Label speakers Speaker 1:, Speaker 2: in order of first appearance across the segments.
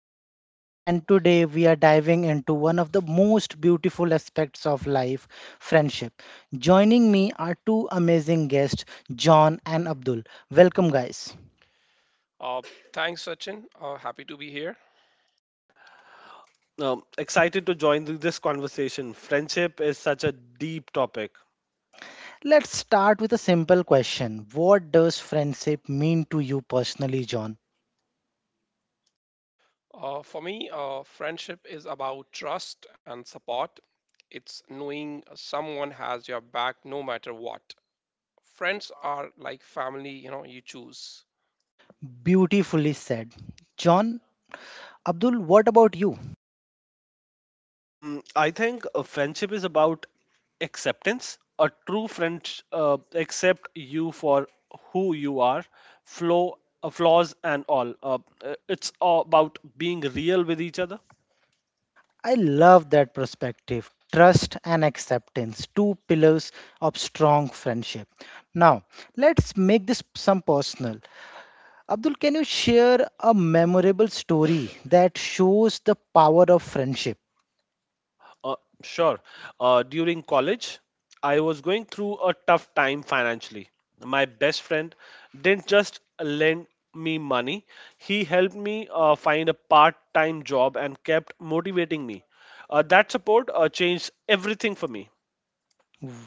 Speaker 1: Sachin, and today we are diving into one of the most beautiful aspects of life, friendship. Joining me are two amazing guests, John and Abdul. Welcome, guys.
Speaker 2: Uh, Thanks, Sachin. Happy to be here.
Speaker 3: Excited to join this conversation. Friendship is such a deep topic.
Speaker 1: Let's start with a simple question. What does friendship mean to you personally, John?
Speaker 2: For me, friendship is about trust and support. It's knowing someone has your back no matter what. Friends are like family, you know, you choose.
Speaker 1: Beautifully said. John, Abdul, what about you?
Speaker 3: Mm, I think a friendship is about acceptance. A true friend accept you for who you are, flow flaws and all. It's all about being real with each other.
Speaker 1: I love that perspective. Trust and acceptance, two pillars of strong friendship. Now, let's make this some personal. Abdul, can you share a memorable story that shows the power of friendship?
Speaker 3: Uh, sure. During college, I was going through a tough time financially. My best friend didn't just lend me money, he helped me find a part time job and kept motivating me. That support changed everything for me.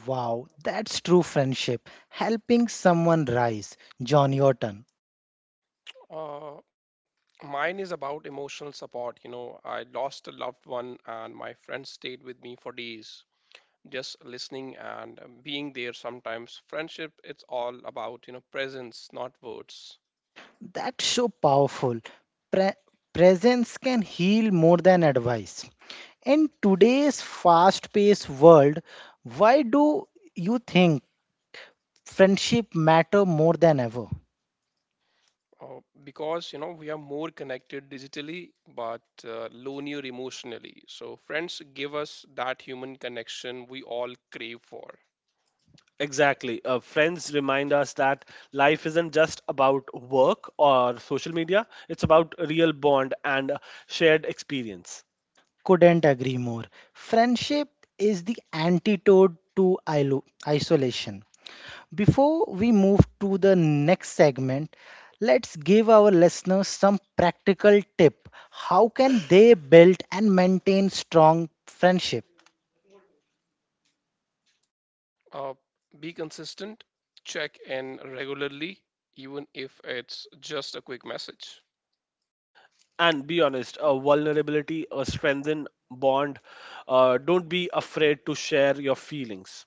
Speaker 1: Wow, that's true friendship. Helping someone rise. John Yorton.
Speaker 2: Uh, Mine is about emotional support. You know, I lost a loved one, and my friends stayed with me for days, just listening and being there sometimes. Friendship, it's all about, you know, presence, not words.
Speaker 1: That's so powerful. Pre- Presence can heal more than advice. In today's fast paced world, why do you think friendship matter more than ever?
Speaker 2: Because you know we are more connected digitally but lonelier emotionally. So friends give us that human connection we all crave for.
Speaker 3: Exactly. Friends remind us that life isn't just about work or social media, it's about real bond and shared experience.
Speaker 1: Couldn't agree more. Friendship is the antidote to isolation. Before we move to the next segment, let's give our listeners some practical tip. How can they build and maintain strong friendship?
Speaker 2: Uh, be consistent, check in regularly, even if it's just a quick message.
Speaker 3: And be honest, a vulnerability a strengthen bond. Don't be afraid to share your feelings.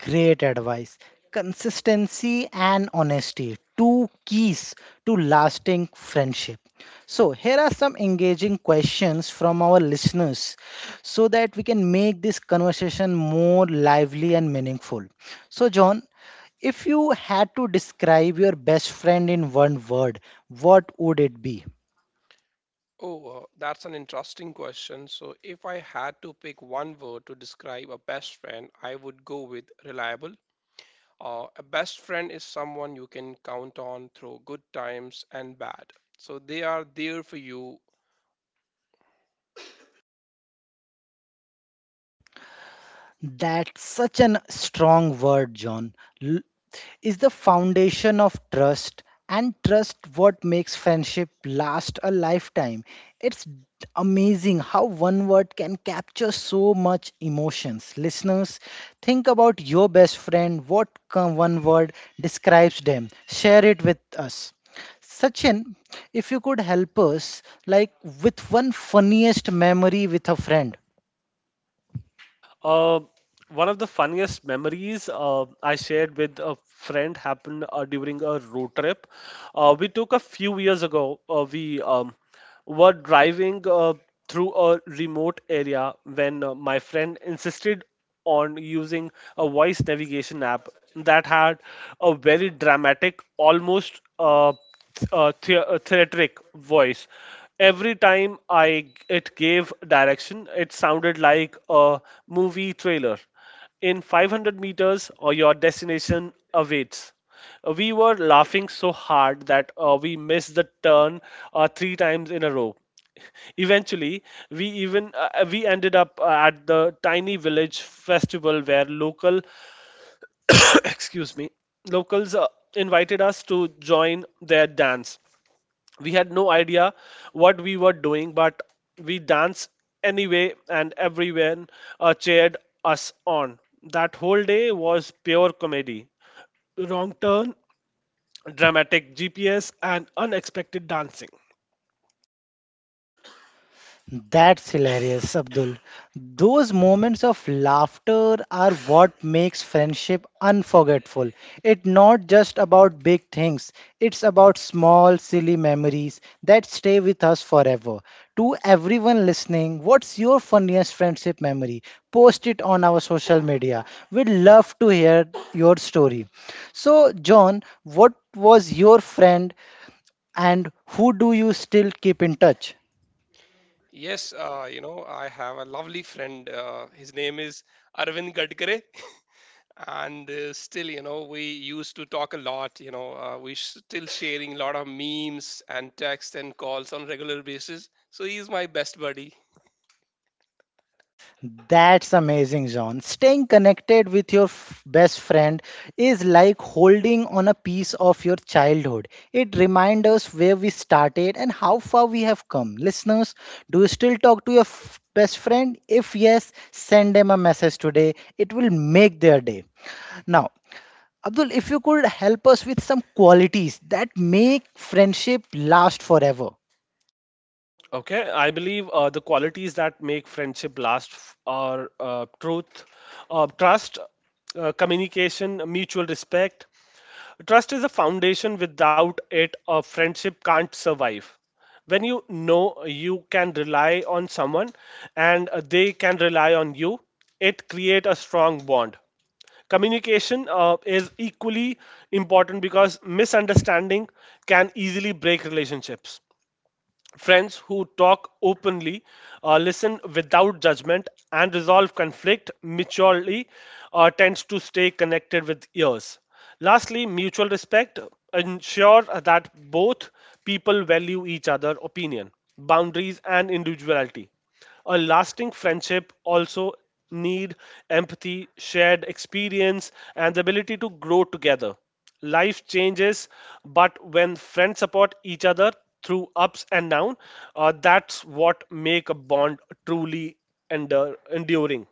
Speaker 1: Great advice. Consistency and honesty, two keys to lasting friendship. So, here are some engaging questions from our listeners so that we can make this conversation more lively and meaningful. So, John, if you had to describe your best friend in one word, what would it be?
Speaker 2: Oh, that's an interesting question. So if I had to pick one word to describe a best friend, I would go with reliable. A best friend is someone you can count on through good times and bad. So they are there for you.
Speaker 1: That's such a strong word, John. L- is the foundation of trust, and trust what makes friendship last a lifetime. It's amazing how one word can capture so much emotions. Listeners, think about your best friend. What one word describes them? Share it with us. Sachin, if you could help us, like, with one funniest memory with a friend.
Speaker 3: Uh, one of the funniest memories I shared with a friend happened during a road trip we took a few years ago. We were driving through a remote area when my friend insisted on using a voice navigation app that had a very dramatic, almost theatric voice. Every time I it gave direction, it sounded like a movie trailer. In 500 meters, or your destination awaits. We were laughing so hard that we missed the turn three times in a row. Eventually, we ended up at the tiny village festival where local excuse me, locals invited us to join their dance. We had no idea what we were doing, but we danced anyway, and everyone cheered us on. That whole day was pure comedy: wrong turn, dramatic GPS, and unexpected dancing.
Speaker 1: That's hilarious, Abdul. Those moments of laughter are what makes friendship unforgettable. It's not just about big things, it's about small, silly memories that stay with us forever. To everyone listening, what's your funniest friendship memory? Post it on our social media. We'd love to hear your story. So, John, what was your friend and who do you still keep in touch?
Speaker 2: Yes, you know, I have a lovely friend. His name is Arvind Gadkare. And still, you know, we used to talk a lot. You know, we still sharing a lot of memes and texts and calls on regular basis. So he's my best buddy.
Speaker 1: That's amazing, John. Staying connected with your best friend is like holding on a piece of your childhood. It reminds us where we started and how far we have come. Listeners, do you still talk to your best friend? If yes, send them a message today. It will make their day. Now, Abdul, if you could help us with some qualities that make friendship last forever.
Speaker 3: Okay, I believe the qualities that make friendship are truth, trust, communication, mutual respect. Trust is a foundation. Without it, a friendship can't survive. When you know you can rely on someone and they can rely on you, it creates a strong bond. Communication is equally important because misunderstanding can easily break relationships. Friends who talk openly, listen without judgment, and resolve conflict maturely tends to stay connected with years. Lastly, mutual respect ensure that both people value each other's opinion, boundaries, and individuality. A lasting friendship also need empathy, shared experience, and the ability to grow together. Life changes, but when friends support each other through ups and downs, that's what make a bond truly endure, enduring.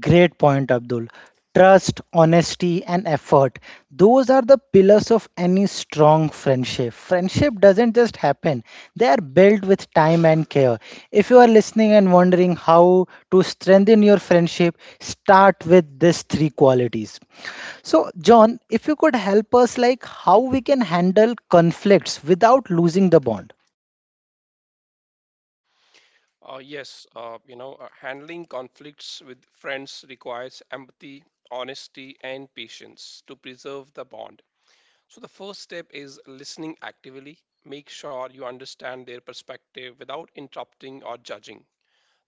Speaker 1: Great point, Abdul. Trust, honesty, and effort. Those are the pillars of any strong friendship. Friendship doesn't just happen, they are built with time and care. If you are listening and wondering how to strengthen your friendship, start with these three qualities. So, John, if you could help us, like how we can handle conflicts without losing the bond.
Speaker 2: Yes, you know, handling conflicts with friends requires empathy, honesty, and patience to preserve the bond. So the first step is listening actively. Make sure you understand their perspective without interrupting or judging.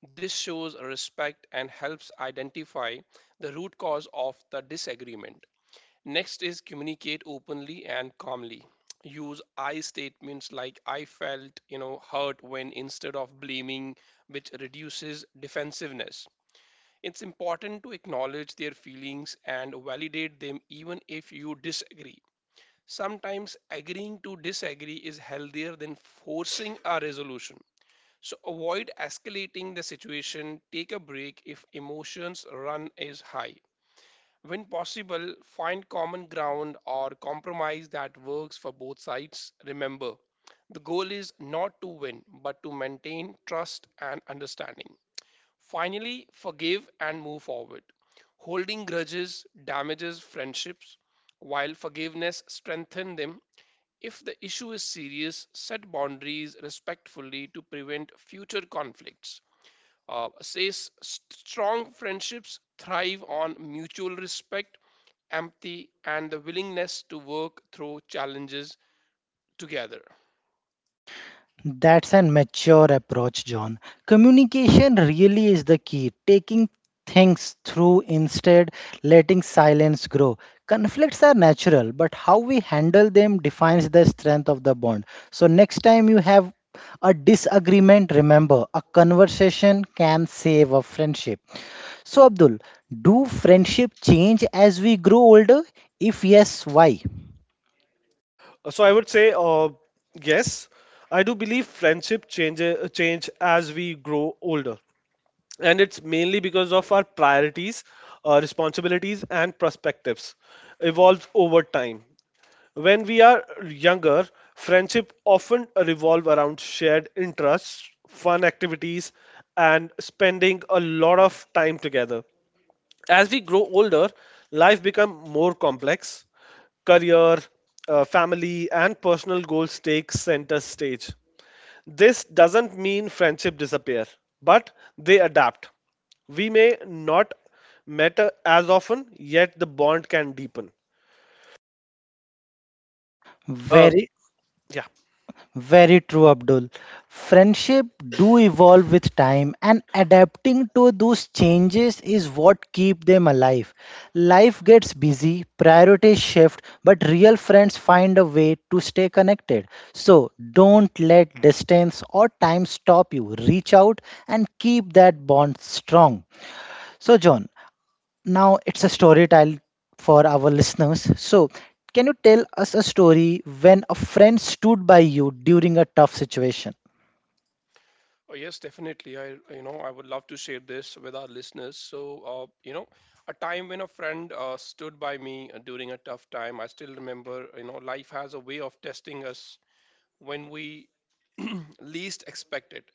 Speaker 2: This shows respect and helps identify the root cause of the disagreement. Next is communicate openly and calmly. Use I statements like I felt, you know, hurt when instead of blaming, which reduces defensiveness. It's important to acknowledge their feelings and validate them even if you disagree. Sometimes agreeing to disagree is healthier than forcing a resolution. So avoid escalating the situation, take a break if emotions run is high when possible, find common ground or compromise that works for both sides. Remember, the goal is not to win, but to maintain trust and understanding. Finally, forgive and move forward. Holding grudges damages friendships, while forgiveness strengthens them. If the issue is serious, set boundaries respectfully to prevent future conflicts. Says strong friendships thrive on mutual respect, empathy, and the willingness to work through challenges together.
Speaker 1: That's an mature approach, John. Communication really is the key. Taking things through instead letting silence grow. Conflicts are natural, but how we handle them defines the strength of the bond. So next time you have a disagreement, remember a conversation can save a friendship. So Abdul, do friendship change as we grow older? If yes, why?
Speaker 3: So I would say, yes, I do believe friendship change as we grow older. And it's mainly because of our priorities, responsibilities, and perspectives evolve over time. When we are younger, friendship often revolve around shared interests, fun activities, and spending a lot of time together. As we grow older, life becomes more complex. Career, family, and personal goals take center stage. This doesn't mean friendship disappear, but they adapt. We may not met as often, yet the bond can deepen. Uh,
Speaker 1: Very
Speaker 3: yeah.
Speaker 1: Very true, Abdul. Friendship do evolve with time, and adapting to those changes is what keep them alive. Life gets busy, priorities shift, but real friends find a way to stay connected. So don't let distance or time stop you. Reach out and keep that bond strong. So, John, now it's a story time for our listeners. So, can you tell us a story when a friend stood by you during a tough situation?
Speaker 2: Oh, yes, definitely. I would love to share this with our listeners. So, you know, a time when a friend stood by me during a tough time. I still remember, you know, life has a way of testing us when we least expect it.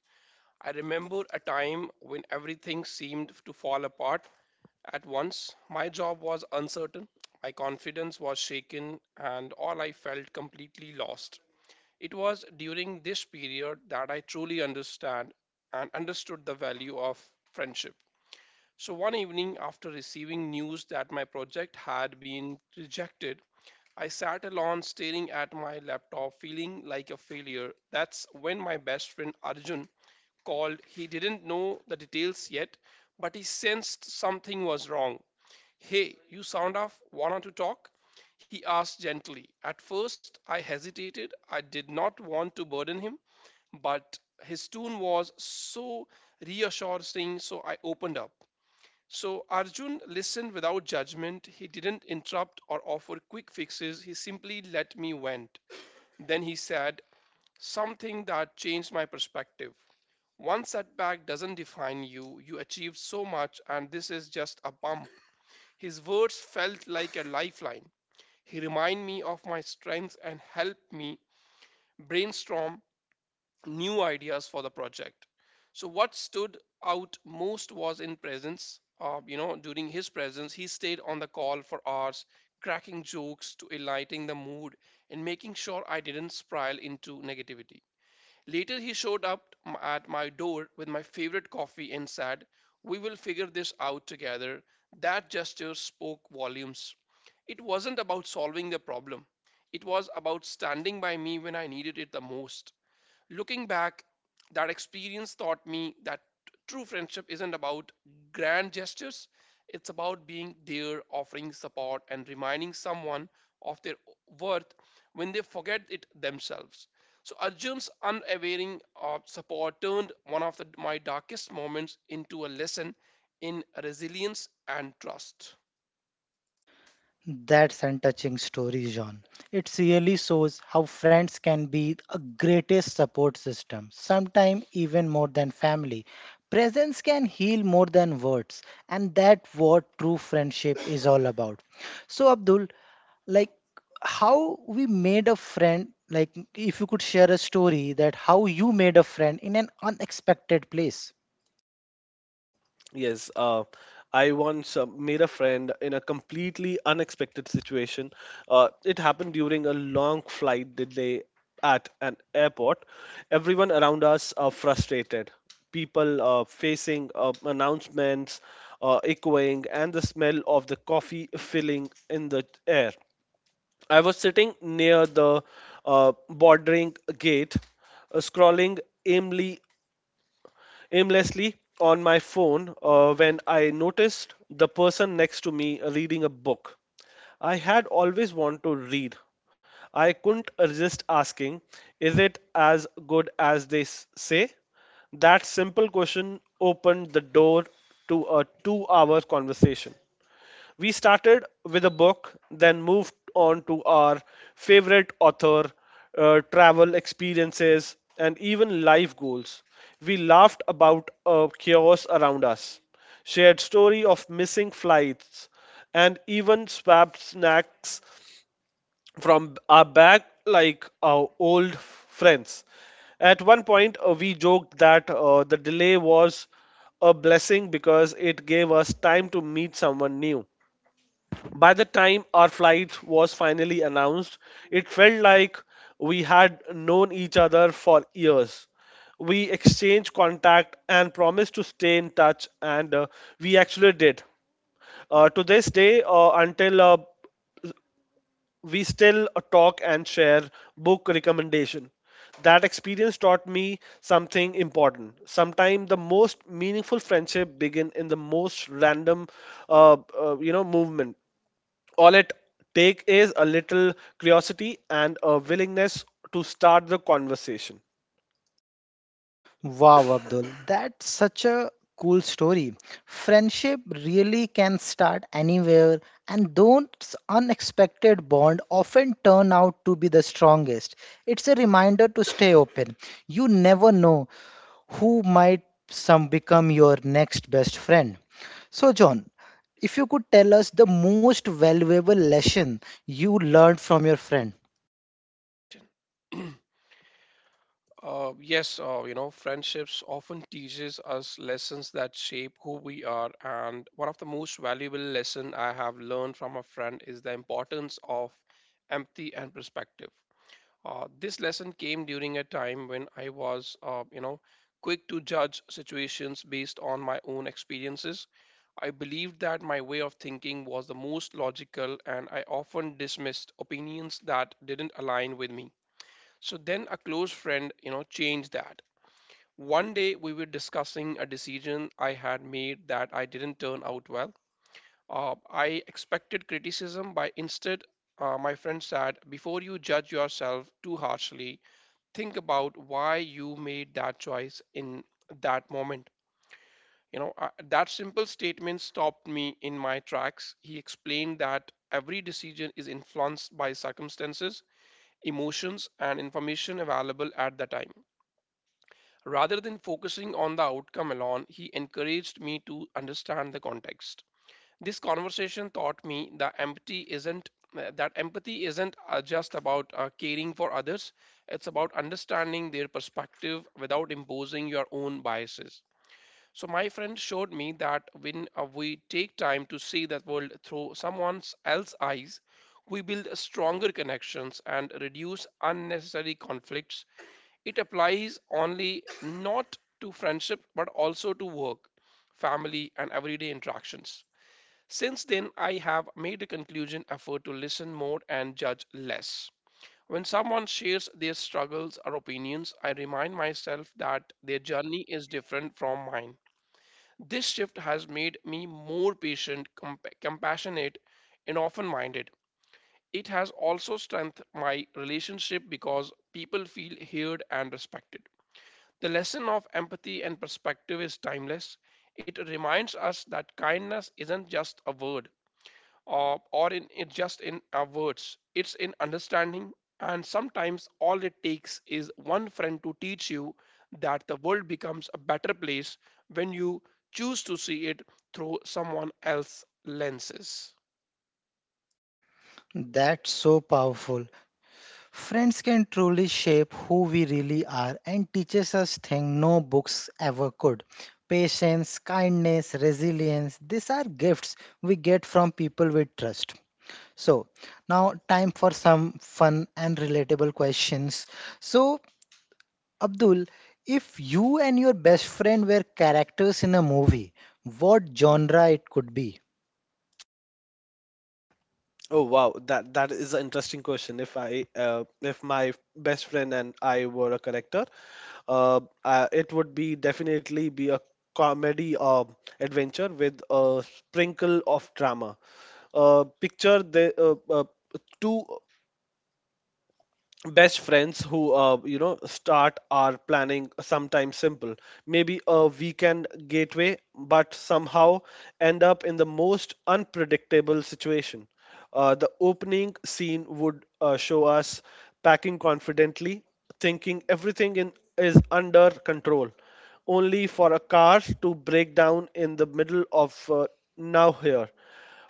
Speaker 2: I remember a time when everything seemed to fall apart at once. My job was uncertain, my confidence was shaken, and all I felt completely lost. It was during this period that I truly understand and understood the value of friendship. So one evening after receiving news that my project had been rejected, I sat alone staring at my laptop feeling like a failure. That's when my best friend Arjun called. He didn't know the details yet, but he sensed something was wrong. "Hey, you sound off, wanna to talk?" he asked gently. At first, I hesitated. I did not want to burden him, but his tune was so reassuring, so I opened up. So Arjun listened without judgment. He didn't interrupt or offer quick fixes. He simply let me vent. Then he said something that changed my perspective. "One setback doesn't define you. You achieved so much, and this is just a bump." His words felt like a lifeline. He reminded me of my strengths and helped me brainstorm new ideas for the project. So what stood out most was in presence. You know, during his presence, he stayed on the call for hours, cracking jokes to lighting the mood and making sure I didn't spiral into negativity. Later, he showed up at my door with my favorite coffee and said, "We will figure this out together." That gesture spoke volumes. It wasn't about solving the problem. It was about standing by me when I needed it the most. Looking back, that experience taught me that true friendship isn't about grand gestures, it's about being there, offering support, and reminding someone of their worth when they forget it themselves. So Arjun's unwavering support turned one of my darkest moments into a lesson in resilience and trust.
Speaker 1: That's a touching story, John. It really shows how friends can be a greatest support system, sometimes even more than family. Presence can heal more than words, and that's what true friendship is all about. So, Abdul, like how we made a friend, like if you could share a story that how you made a friend in an unexpected place.
Speaker 3: Yes, I once made a friend in a completely unexpected situation. It happened during a long flight delay at an airport. Everyone around us are frustrated. People facing announcements, echoing, and the smell of the coffee filling in the air. I was sitting near the bordering gate, scrolling aimlessly aimlessly on my phone when I noticed the person next to me reading a book. I had always wanted to read. I couldn't resist asking, is it as good as they say? That simple question opened the door to a 2 hour conversation. We started with a book, then moved on to our favorite author, travel experiences, and even life goals. We laughed about chaos around us, shared story of missing flights, and even swapped snacks from our bag like our old friends. At one point, we joked that the delay was a blessing because it gave us time to meet someone new. By the time our flight was finally announced, it felt like we had known each other for years. We exchanged contact and promised to stay in touch, and we actually did. To this day, until we still talk and share book recommendation. That experience taught me something important. Sometimes the most meaningful friendship begin in the most random, movement. All it take is a little curiosity and a willingness to start the conversation.
Speaker 1: Wow, Abdul, that's such a cool story. Friendship really can start anywhere, and those unexpected bond often turn out to be the strongest. It's a reminder to stay open. You never know who might some become your next best friend. So, John, if you could tell us the most valuable lesson you learned from your friend,
Speaker 2: Lesson. Yes, you know, friendships often teaches us lessons that shape who we are, and one of the most valuable lesson I have learned from a friend is the importance of empathy and perspective. This lesson came during a time when I was, you know, quick to judge situations based on my own experiences. I believed that my way of thinking was the most logical, and I often dismissed opinions that didn't align with me. So then a close friend, you know, changed that. One day we were discussing a decision I had made that I didn't turn out well. I expected criticism, but instead, my friend said, "Before you judge yourself too harshly, think about why you made that choice in that moment." You know, that simple statement stopped me in my tracks. He explained that every decision is influenced by circumstances, emotions, and information available at the time. Rather than focusing on the outcome alone, he encouraged me to understand the context. This conversation taught me that empathy isn't just about caring for others. It's about understanding their perspective without imposing your own biases. So my friend showed me that when we take time to see the world through someone else's eyes, we build stronger connections and reduce unnecessary conflicts. It applies only not to friendship but also to work, family, and everyday interactions. Since then, I have made a conclusion effort to listen more and judge less. When someone shares their struggles or opinions, I remind myself that their journey is different from mine. This shift has made me more patient, compassionate, and open minded. It has also strengthened my relationship because people feel heard and respected. The lesson of empathy and perspective is timeless. It reminds us that kindness isn't just a word it just in our words, it's in understanding. And sometimes all it takes is one friend to teach you that the world becomes a better place when you choose to see it through someone else's lenses.
Speaker 1: that's so powerful. Friends can truly shape who we really are and teaches us things no books ever could. Patience, kindness, resilience, these are gifts we get from people we trust. So, now time for some fun and relatable questions. So, Abdul, if you and your best friend were characters in a movie, what genre it could be?
Speaker 3: Oh, wow, that is an interesting question. If I if my best friend and I were a character, it would be definitely be a comedy adventure with a sprinkle of drama. Picture the two best friends who, you know, start our planning sometimes simple, maybe a weekend gateway, but somehow end up in the most unpredictable situation. Uh, the opening scene would show us packing confidently, thinking is under control, only for a car to break down in the middle of now here.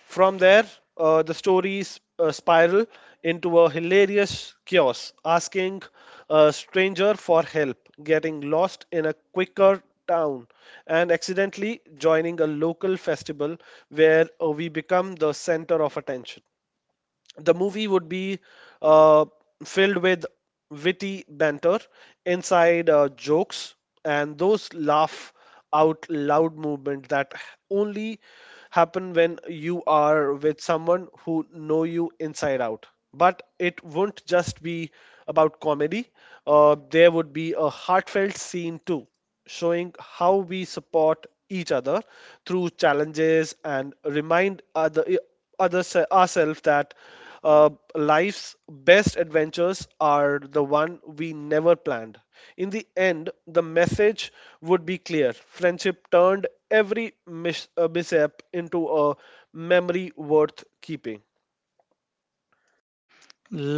Speaker 3: From there, the stories spiral into a hilarious chaos, asking a stranger for help, getting lost in a quicker town, and accidentally joining a local festival where we become the center of attention. The movie would be uh, filled with witty banter, inside jokes, and those laugh out loud movement that only happen when you are with someone who know you inside out. But it won't just be about comedy. There would be a heartfelt scene too, showing how we support each other through challenges and remind others ourselves that life's best adventures are the one we never planned. In the end, the message would be clear. Friendship turned every mishap into a memory worth keeping.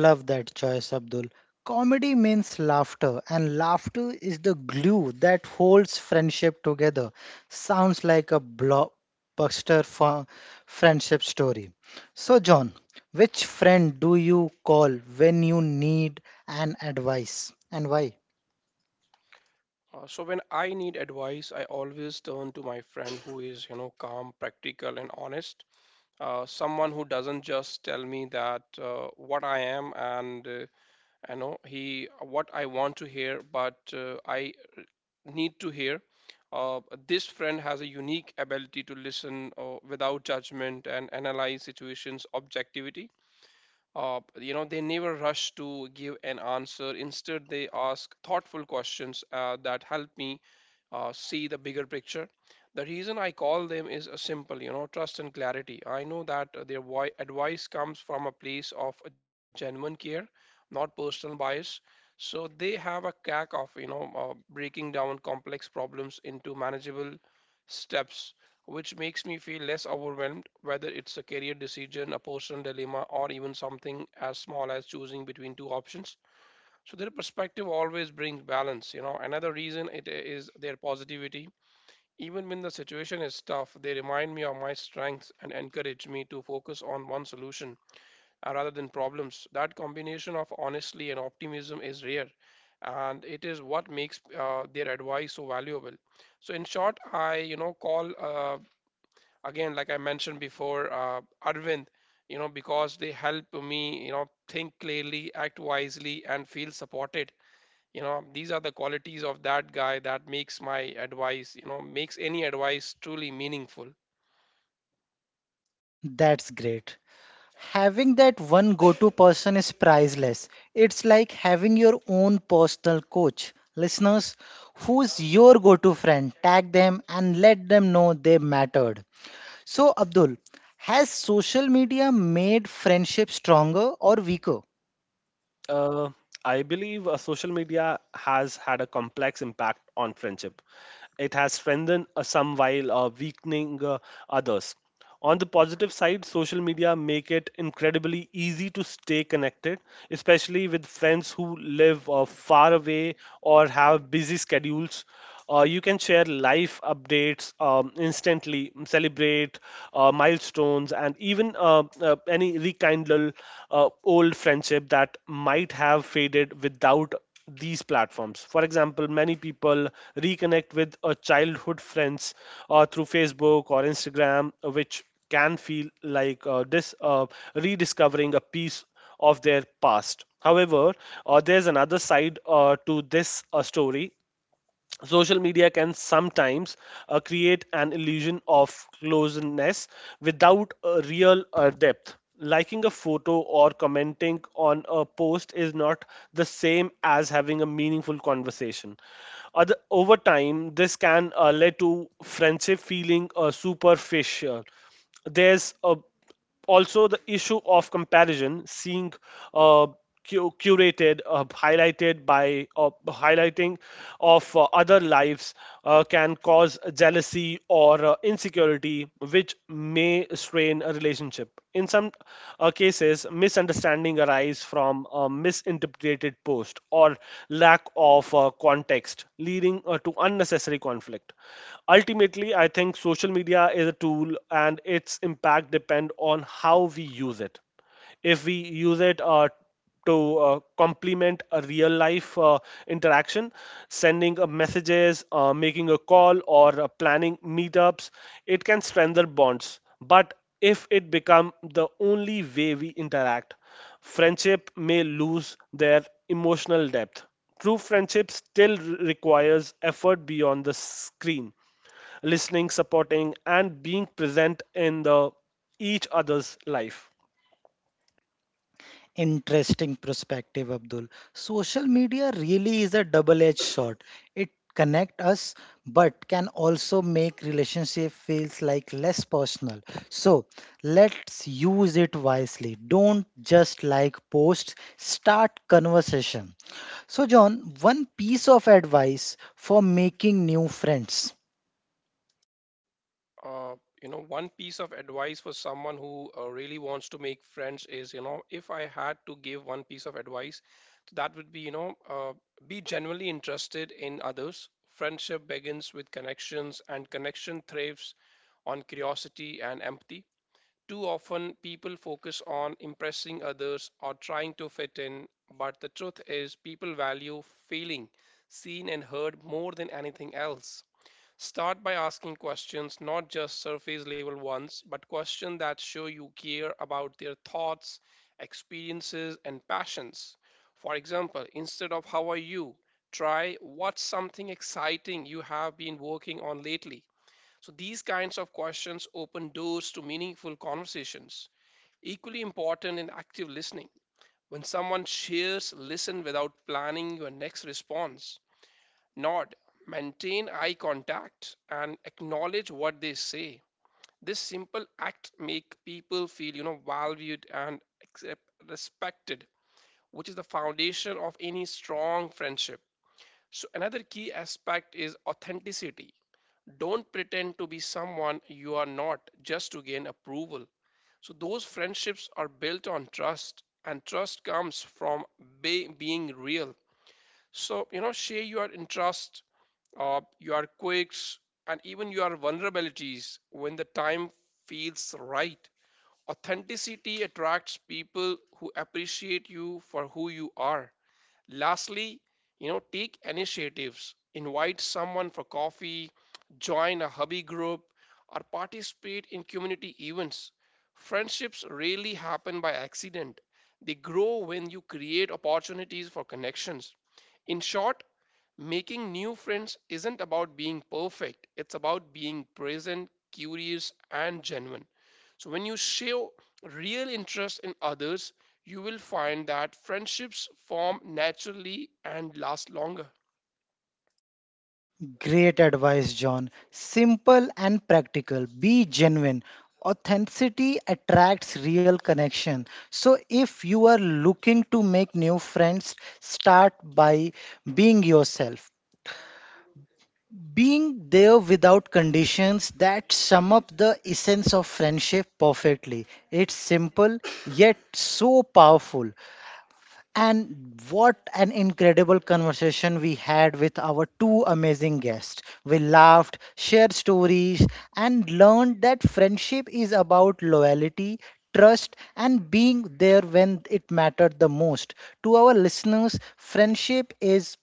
Speaker 1: Love that choice, Abdul. Comedy means laughter, and laughter is the glue that holds friendship together. Sounds like a blockbuster friendship story. So, John, which friend do you call when you need an advice, and why?
Speaker 2: So when I need advice, I always turn to my friend who is, you know, calm, practical, and honest. Someone who doesn't just tell me that what I am and you know he what I want to hear, but I need to hear. Uh, this friend has a unique ability to listen without judgment and analyze situations objectivity. You know, they never rush to give an answer. Instead they ask thoughtful questions that help me see the bigger picture. The reason I call them is a simple, you know, trust and clarity. I know that their advice comes from a place of genuine care, not personal bias. So they have a knack of, you know, breaking down complex problems into manageable steps, which makes me feel less overwhelmed, whether it's a career decision, a personal dilemma, or even something as small as choosing between two options. So their perspective always brings balance. You know, another reason it is their positivity. Even when the situation is tough, they remind me of my strengths and encourage me to focus on one solution rather than problems. That combination of honesty and optimism is rare, and it is what makes their advice so valuable. So in short, I, you know, call again like I mentioned before, Arvind, you know, because they help me, you know, think clearly, act wisely, and feel supported. You know, these are the qualities of that guy that makes any advice truly meaningful.
Speaker 1: That's great. Having that one go to person is priceless. It's like having your own personal coach. Listeners, who's your go to friend? Tag them and let them know they mattered. So, Abdul, has social media made friendship stronger or weaker?
Speaker 3: Uh, I believe social media has had a complex impact on friendship. It has strengthened some while weakening others. On the positive side, social media make it incredibly easy to stay connected, especially with friends who live far away or have busy schedules. You can share live updates instantly, celebrate milestones, and even any rekindle old friendship that might have faded without these platforms. For example, many people reconnect with childhood friends through Facebook or Instagram, which can feel like rediscovering a piece of their past. However, there's another side to this story. Social media can sometimes create an illusion of closeness without a real depth. Liking a photo or commenting on a post is not the same as having a meaningful conversation. Other, over time this can lead to friendship feeling superficial. There's a also the issue of comparison, seeing uh, curated highlighted by highlighting of other lives can cause jealousy or insecurity, which may strain a relationship. In some cases, misunderstanding arise from a misinterpreted post or lack of context, leading to unnecessary conflict. Ultimately, I think social media is a tool, and its impact depend on how we use it. If we use it to complement a real life interaction, sending messages, making a call, or planning meetups, it can strengthen bonds. But if it become the only way we interact, friendship may lose their emotional depth. True friendship still requires effort beyond the screen: listening, supporting, and being present in the each other's life.
Speaker 1: Interesting perspective, Abdul. Social media really is a double-edged sword. It connect us, but can also make relationship feels like less personal. So let's use it wisely. Don't just like posts, start conversation. So John, one piece of advice for making new friends.
Speaker 2: Uh, you know, one piece of advice for someone who really wants to make friends is, you know, if I had to give one piece of advice, that would be, you know, be genuinely interested in others. Friendship begins with connections, and connection thrives on curiosity and empathy. Too often, people focus on impressing others or trying to fit in, but the truth is, people value feeling seen and heard more than anything else. Start by asking questions, not just surface level ones, but questions that show you care about their thoughts, experiences, and passions. For example, instead of "how are you," try "what's something exciting you have been working on lately." So these kinds of questions open doors to meaningful conversations. Equally important in active listening. When someone shares, listen without planning your next response. Nod, maintain eye contact, and acknowledge what they say. This simple act make people feel, you know, valued and respected, which is the foundation of any strong friendship. So another key aspect is authenticity. Don't pretend to be someone you are not just to gain approval. So those friendships are built on trust, and trust comes from being real. So, you know, share your interests, your quirks, and even your vulnerabilities when the time feels right. Authenticity attracts people who appreciate you for who you are. Lastly, you know, take initiatives. Invite someone for coffee, join a hobby group, or participate in community events. Friendships rarely happen by accident. They grow when you create opportunities for connections. In short, making new friends isn't about being perfect, it's about being present, curious, and genuine. So, when you show real interest in others, you will find that friendships form naturally and last longer.
Speaker 1: Great advice, John. Simple and practical. Be genuine. Authenticity attracts real connection. So, if you are looking to make new friends, start by being yourself. Being there without conditions that sum up the essence of friendship perfectly. It's simple yet so powerful. And what an incredible conversation we had with our two amazing guests. We laughed, shared stories, and learned that friendship is about loyalty, trust, and being there when it mattered the most. To our listeners, friendship is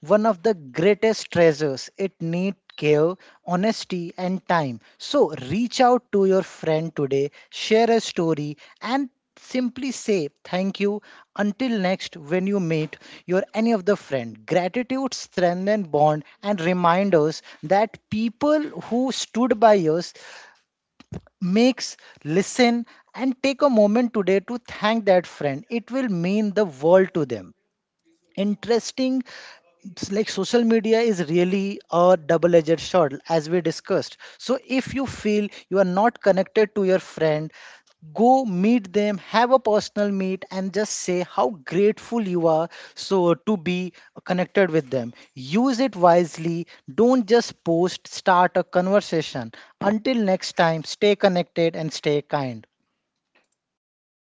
Speaker 1: one of the greatest treasures. It need care, honesty, and time. So reach out to your friend today, share a story, and simply say thank you until next when you meet your any of the friend. Gratitude strengthen bond and remind us that people who stood by us makes listen, and take a moment today to thank that friend. It will mean the world to them. Interesting. It's like social media is really a double edged sword as we discussed, so if you feel you are not connected to your friend, go meet them, have a personal meet, and just say how grateful you are. So to be connected with them, use it wisely. Don't just post, start a conversation. Until next time, stay connected and stay kind.